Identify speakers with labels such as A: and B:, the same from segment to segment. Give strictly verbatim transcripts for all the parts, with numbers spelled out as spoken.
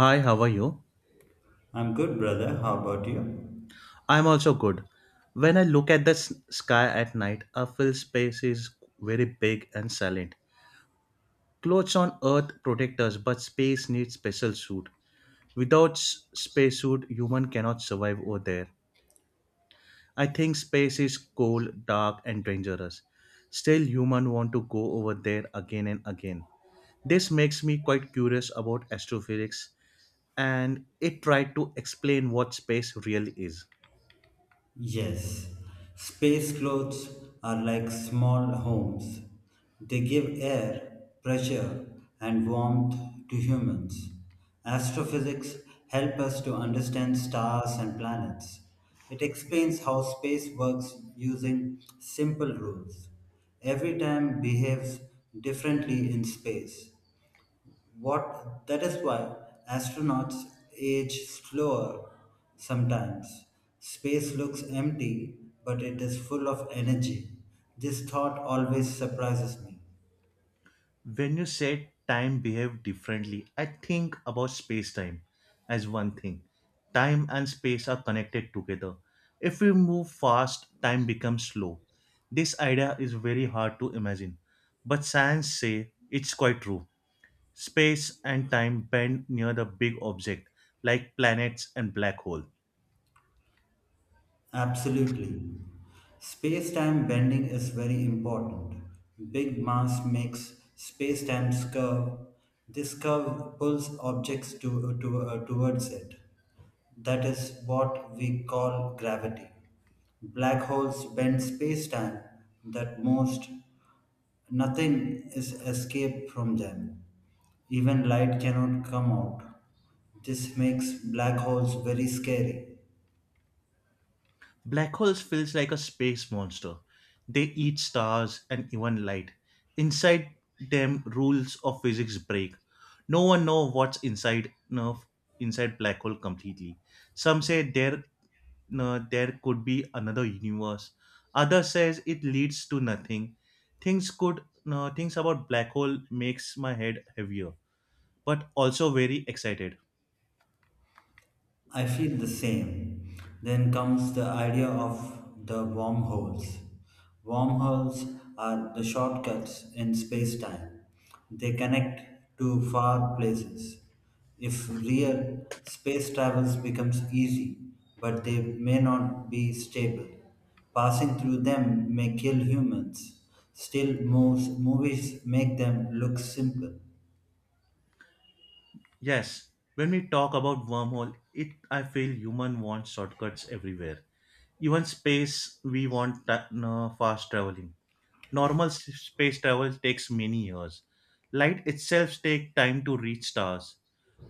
A: Hi, how are you?
B: I'm good, brother. How about you?
A: I'm also good. When I look at the s- sky at night, I feel space is very big and silent. Clothes on earth protect us, but space needs special suit. Without s- space suit, human cannot survive over there. I think space is cold, dark, and dangerous. Still, human want to go over there again and again. This makes me quite curious about astrophysics, and it tried to explain what space really is.
B: Yes, space clothes are like small homes. They give air, pressure, and warmth to humans. Astrophysics help us to understand stars and planets. It explains how space works using simple rules. Every time behaves differently in space. What that is why astronauts age slower sometimes. Space looks empty, but it is full of energy. This thought always surprises me.
A: When you said time behave differently, I think about space time as one thing. Time and space are connected together. If we move fast, time becomes slow. This idea is very hard to imagine, but science say it's quite true. Space and time bend near the big object like planets and black hole.
B: Absolutely. Space time bending is very important. Big mass makes space time's curve. This curve pulls objects to, to, uh, towards it. That is what we call gravity. Black holes bend space-time. That most nothing is escaped from them. Even light cannot come out. This makes black holes very scary.
A: Black holes feels like a space monster. They eat stars and even light. Inside them rules of physics break. No one know what's inside no, inside black hole completely. Some say there no, there could be another universe. Others says it leads to nothing. Things could no, things about black hole makes my head heavier but also very excited.
B: I feel the same. Then comes the idea of the wormholes. Wormholes are the shortcuts in space time. They connect to far places. If real, space travels becomes easy, but they may not be stable. Passing through them may kill humans. Still, most movies make them look simple.
A: Yes, when we talk about wormhole, it I feel human wants shortcuts everywhere. Even space, we want ta- no, fast traveling. Normal s- space travel takes many years. Light itself takes time to reach stars.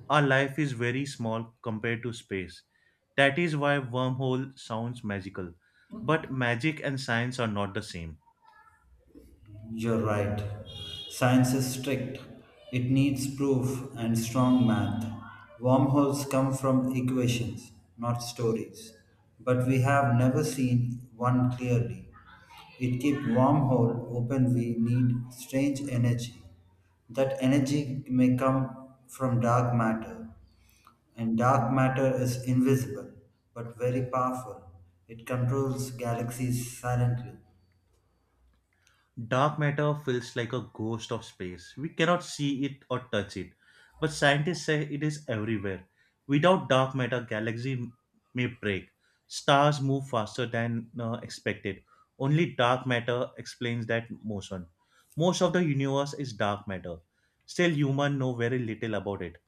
A: Our life is very small compared to space. That is why wormhole sounds magical. But magic and science are not the same.
B: You're right. Science is strict. It needs proof and strong math. Wormholes come from equations, not stories. But we have never seen one clearly. It keeps wormhole open we need strange energy. That energy may come from dark matter, and dark matter is invisible but very powerful. It controls galaxies silently.
A: Dark matter feels like a ghost of space. We cannot see it or touch it, but scientists say it is everywhere. Without dark matter, galaxy may break. Stars move faster than uh, expected. Only dark matter explains that motion. Most of the universe is dark matter. Still, humans know very little about it.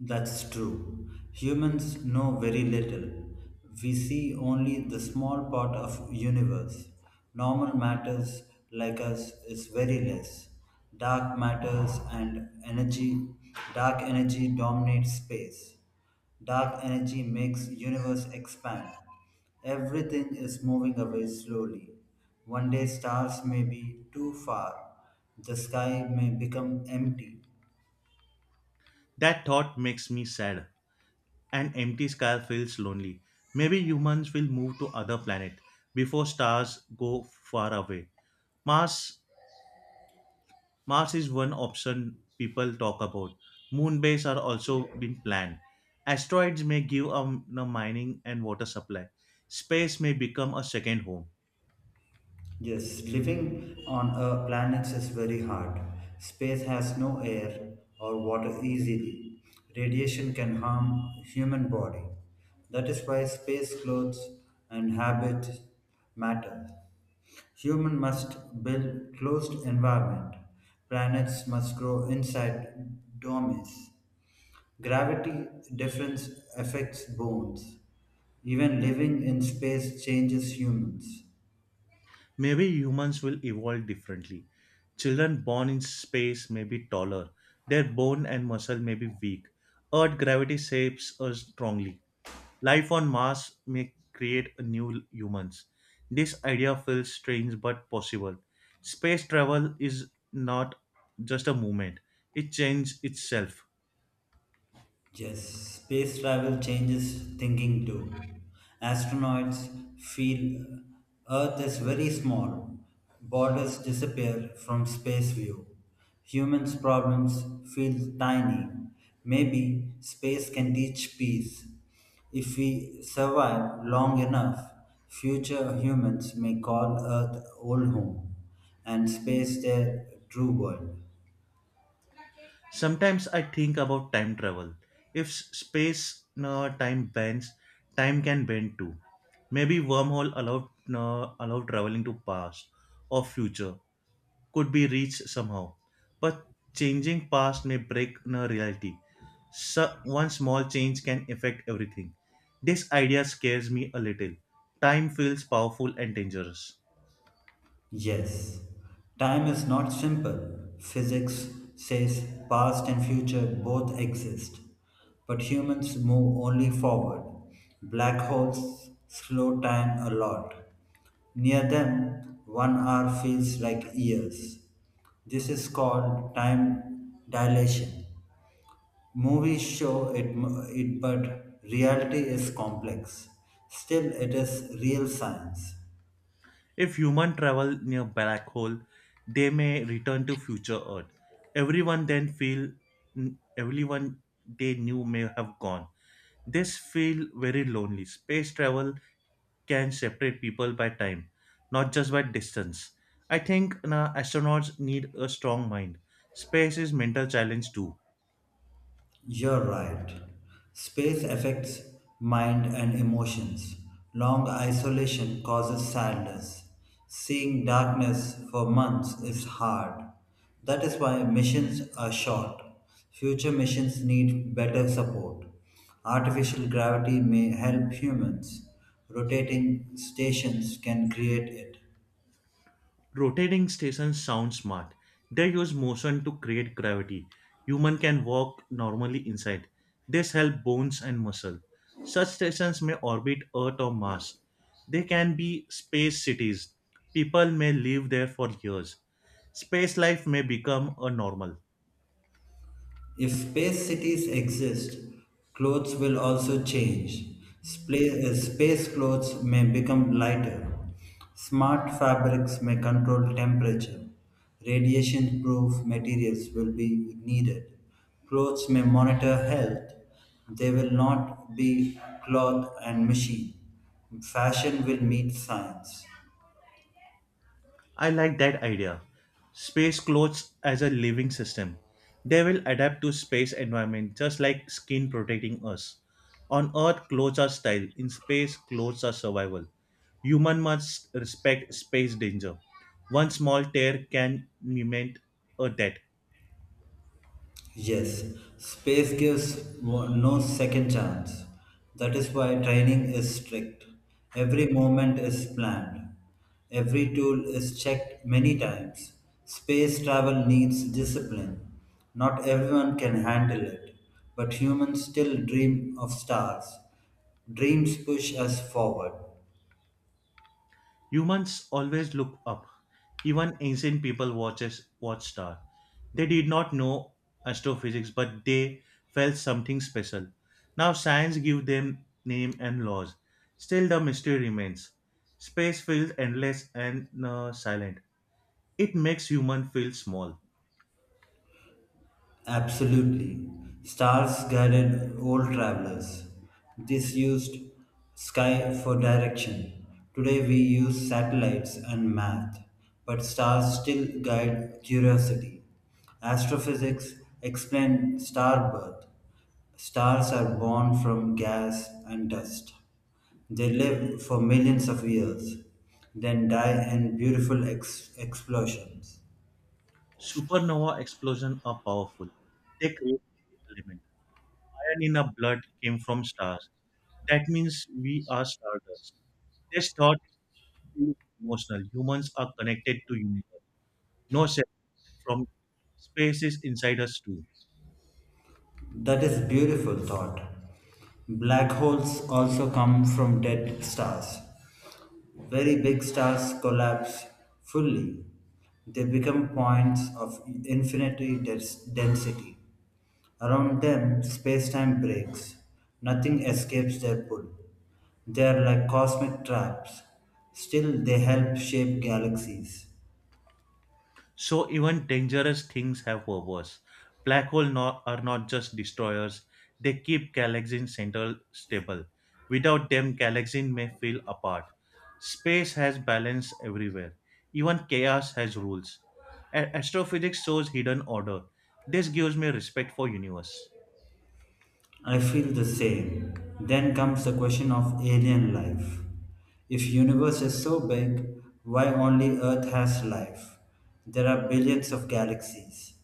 B: That's true. Humans know very little. We see only the small part of universe. Normal matters like us is very less. Dark matters and energy dark energy dominates space. Dark energy makes universe expand. Everything is moving away slowly. One day stars may be too far. The sky may become empty.
A: That thought makes me sad. An empty sky feels lonely. Maybe humans will move to other planet before stars go far away. Mars Mars is one option people talk about. Moon base are also being planned. Asteroids may give a a mining and water supply. Space may become a second home.
B: Yes, living on a planet is very hard. Space has no air or water easily. Radiation can harm human body. That is why space clothes and habits matter. Human must build closed environment. Planets must grow inside domes. Gravity difference affects bones. Even living in space changes humans.
A: Maybe humans will evolve differently. Children born in space may be taller. Their bone and muscle may be weak. Earth gravity shapes us strongly. Life on Mars may create a new humans. This idea feels strange but possible. Space travel is not just a movement, it changes itself.
B: Yes, space travel changes thinking too. Astronauts feel uh, Earth is very small, borders disappear from space view. Humans' problems feel tiny. Maybe space can teach peace. If we survive long enough, future humans may call Earth old home and space their true world.
A: Sometimes I think about time travel. If s- space uh, time bends, time can bend too. Maybe wormhole allow uh, allow traveling to past or future. Could be reached somehow. But changing past may break in a reality. So one small change can affect everything. This idea scares me a little. Time feels powerful and dangerous.
B: Yes, time is not simple. Physics says past and future both exist, but humans move only forward. Black holes slow time a lot. Near them, one hour feels like years. This is called time dilation. Movies show it, m- it but reality is complex. Still, it is real science.
A: If human travel near black hole, they may return to future Earth. Everyone then feel everyone they knew may have gone. This feel very lonely. Space travel can separate people by time, not just by distance. I think na, astronauts need a strong mind. Space is mental challenge too.
B: You're right. Space affects mind and emotions. Long isolation causes sadness. Seeing darkness for months is hard. That is why missions are short. Future missions need better support. Artificial gravity may help humans. Rotating stations can create it.
A: Rotating stations sound smart. They use motion to create gravity. Human can walk normally inside. This help bones and muscle. Such stations may orbit Earth or Mars. They can be space cities. People may live there for years. Space life may become a normal.
B: If space cities exist, clothes will also change. Spla- uh, Space clothes may become lighter. Smart fabrics may control temperature. Radiation proof materials will be needed. Clothes may monitor health. They will not be cloth and machine. Fashion will meet science.
A: I like that idea. Space clothes as a living system. They will adapt to space environment just like skin protecting us. On Earth, clothes are style. In space, clothes are survival. Human must respect space danger. One small tear can mean a death.
B: Yes, space gives mo- no second chance. That is why training is strict. Every moment is planned. Every tool is checked many times. Space travel needs discipline. Not everyone can handle it, but humans still dream of stars. Dreams push us forward.
A: Humans always look up. Even ancient people watches watch star. They did not know astrophysics, but they felt something special. Now science give them name and laws. Still, the mystery remains. Space feels endless and uh, silent. It makes human feel small.
B: Absolutely. Stars guided old travelers. This used sky for direction. Today we use satellites and math, but stars still guide curiosity. Astrophysics explain star birth. Stars are born from gas and dust. They live for millions of years, then die in beautiful ex- explosions.
A: Supernova explosion are powerful. They create element. Iron in our blood came from stars. That means we are stardust. They start feels emotional. Humans are connected to universe, no separate from space is inside us too.
B: That is beautiful thought. Black holes also come from dead stars. Very big stars collapse fully. They become points of infinity des- density. Around them, space-time breaks. Nothing escapes their pull. They are like cosmic traps. Still, they help shape galaxies.
A: So even dangerous things have purpose. Black holes not, are not just destroyers; they keep galaxies central stable. Without them, galaxies may feel apart. Space has balance everywhere. Even chaos has rules. A- astrophysics shows hidden order. This gives me respect for universe.
B: I feel the same. Then comes the question of alien life. If universe is so big, why only earth has life? There are billions of galaxies,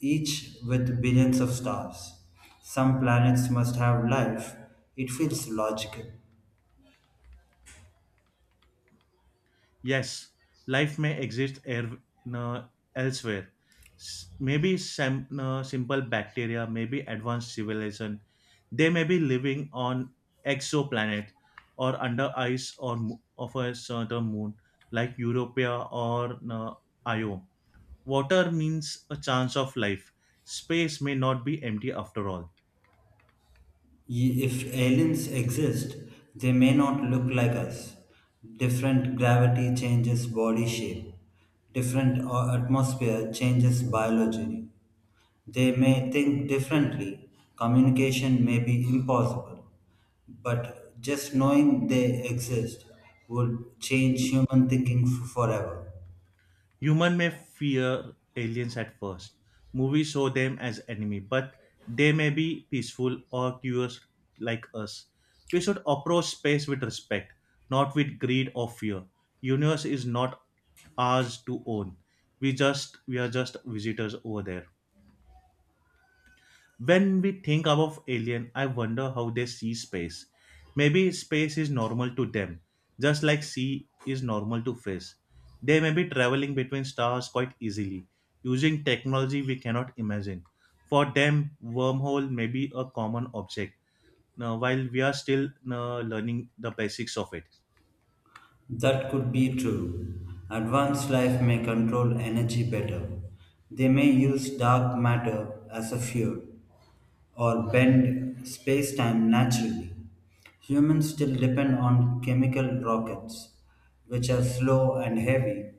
B: each with billions of stars. Some planets must have life. It feels logical.
A: Yes, life may exist er- no, elsewhere. S- maybe some no, simple bacteria, maybe advanced civilization. They may be living on exoplanet or under ice or mo- of a certain moon, like Europa or no, Io. Water means a chance of life. Space may not be empty after all.
B: Y- If aliens exist, they may not look like us. Different gravity changes body shape. Different uh, atmosphere changes biology. They may think differently, communication may be impossible, but just knowing they exist would change human thinking f- forever.
A: Human may fear aliens at first. Movies show them as enemy, but they may be peaceful or curious like us. We should approach space with respect, not with greed or fear. Universe is not ours to own. We just we are just visitors over there. When we think about alien, I wonder how they see space. Maybe space is normal to them, just like sea is normal to fish. They may be traveling between stars quite easily, using technology we cannot imagine. For them, wormhole may be a common object, uh, while we are still uh, learning the basics of it.
B: That could be true. Advanced life may control energy better. They may use dark matter as a fuel, or bend space-time naturally. Humans still depend on chemical rockets, which are slow and heavy.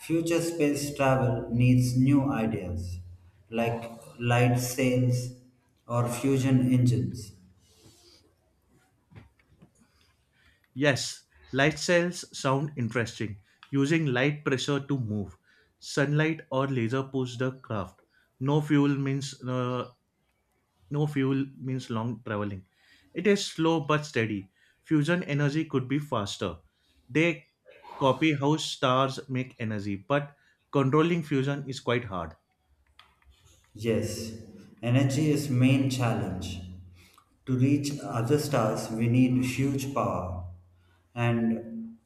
B: Future space travel needs new ideas, like light sails or fusion engines.
A: Yes, light cells sound interesting, using light pressure to move. Sunlight or laser push the craft no fuel means uh, No fuel means long traveling. It is slow but steady. Fusion energy could be faster. They copy how stars make energy, but controlling fusion is quite hard.
B: Yes, energy is main challenge. To reach other stars, we need huge power, and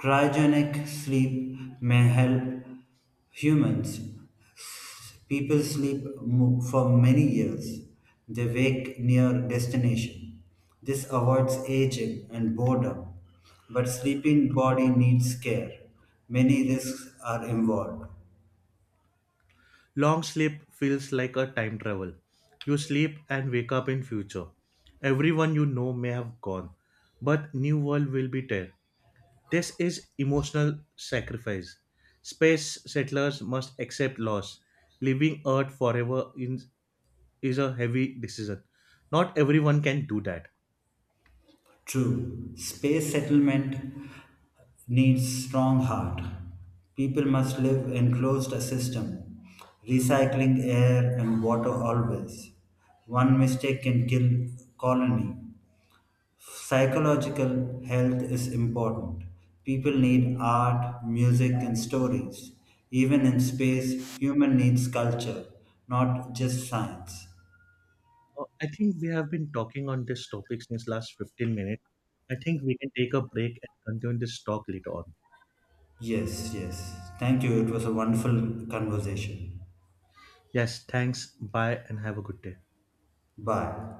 B: cryogenic sleep may help humans People sleep mo- for many years. They wake near destination. This avoids aging and boredom. But sleeping body needs care. Many risks are involved.
A: Long sleep feels like a time travel. You sleep and wake up in future. Everyone you know may have gone, but new world will be there. This is emotional sacrifice. Space settlers must accept loss. Leaving Earth forever in is a heavy decision. Not everyone can do that.
B: True, space settlement needs strong heart. People must live in closed system, recycling air and water always. One mistake can kill colony. Psychological health is important. People need art, music, and stories. Even in space, human needs culture, not just science.
A: Uh, I think we have been talking on this topic since last fifteen minutes. I think we can take a break and continue this talk later on.
B: Yes, yes. Thank you. It was a wonderful conversation.
A: Yes, thanks. Bye and have a good day.
B: Bye.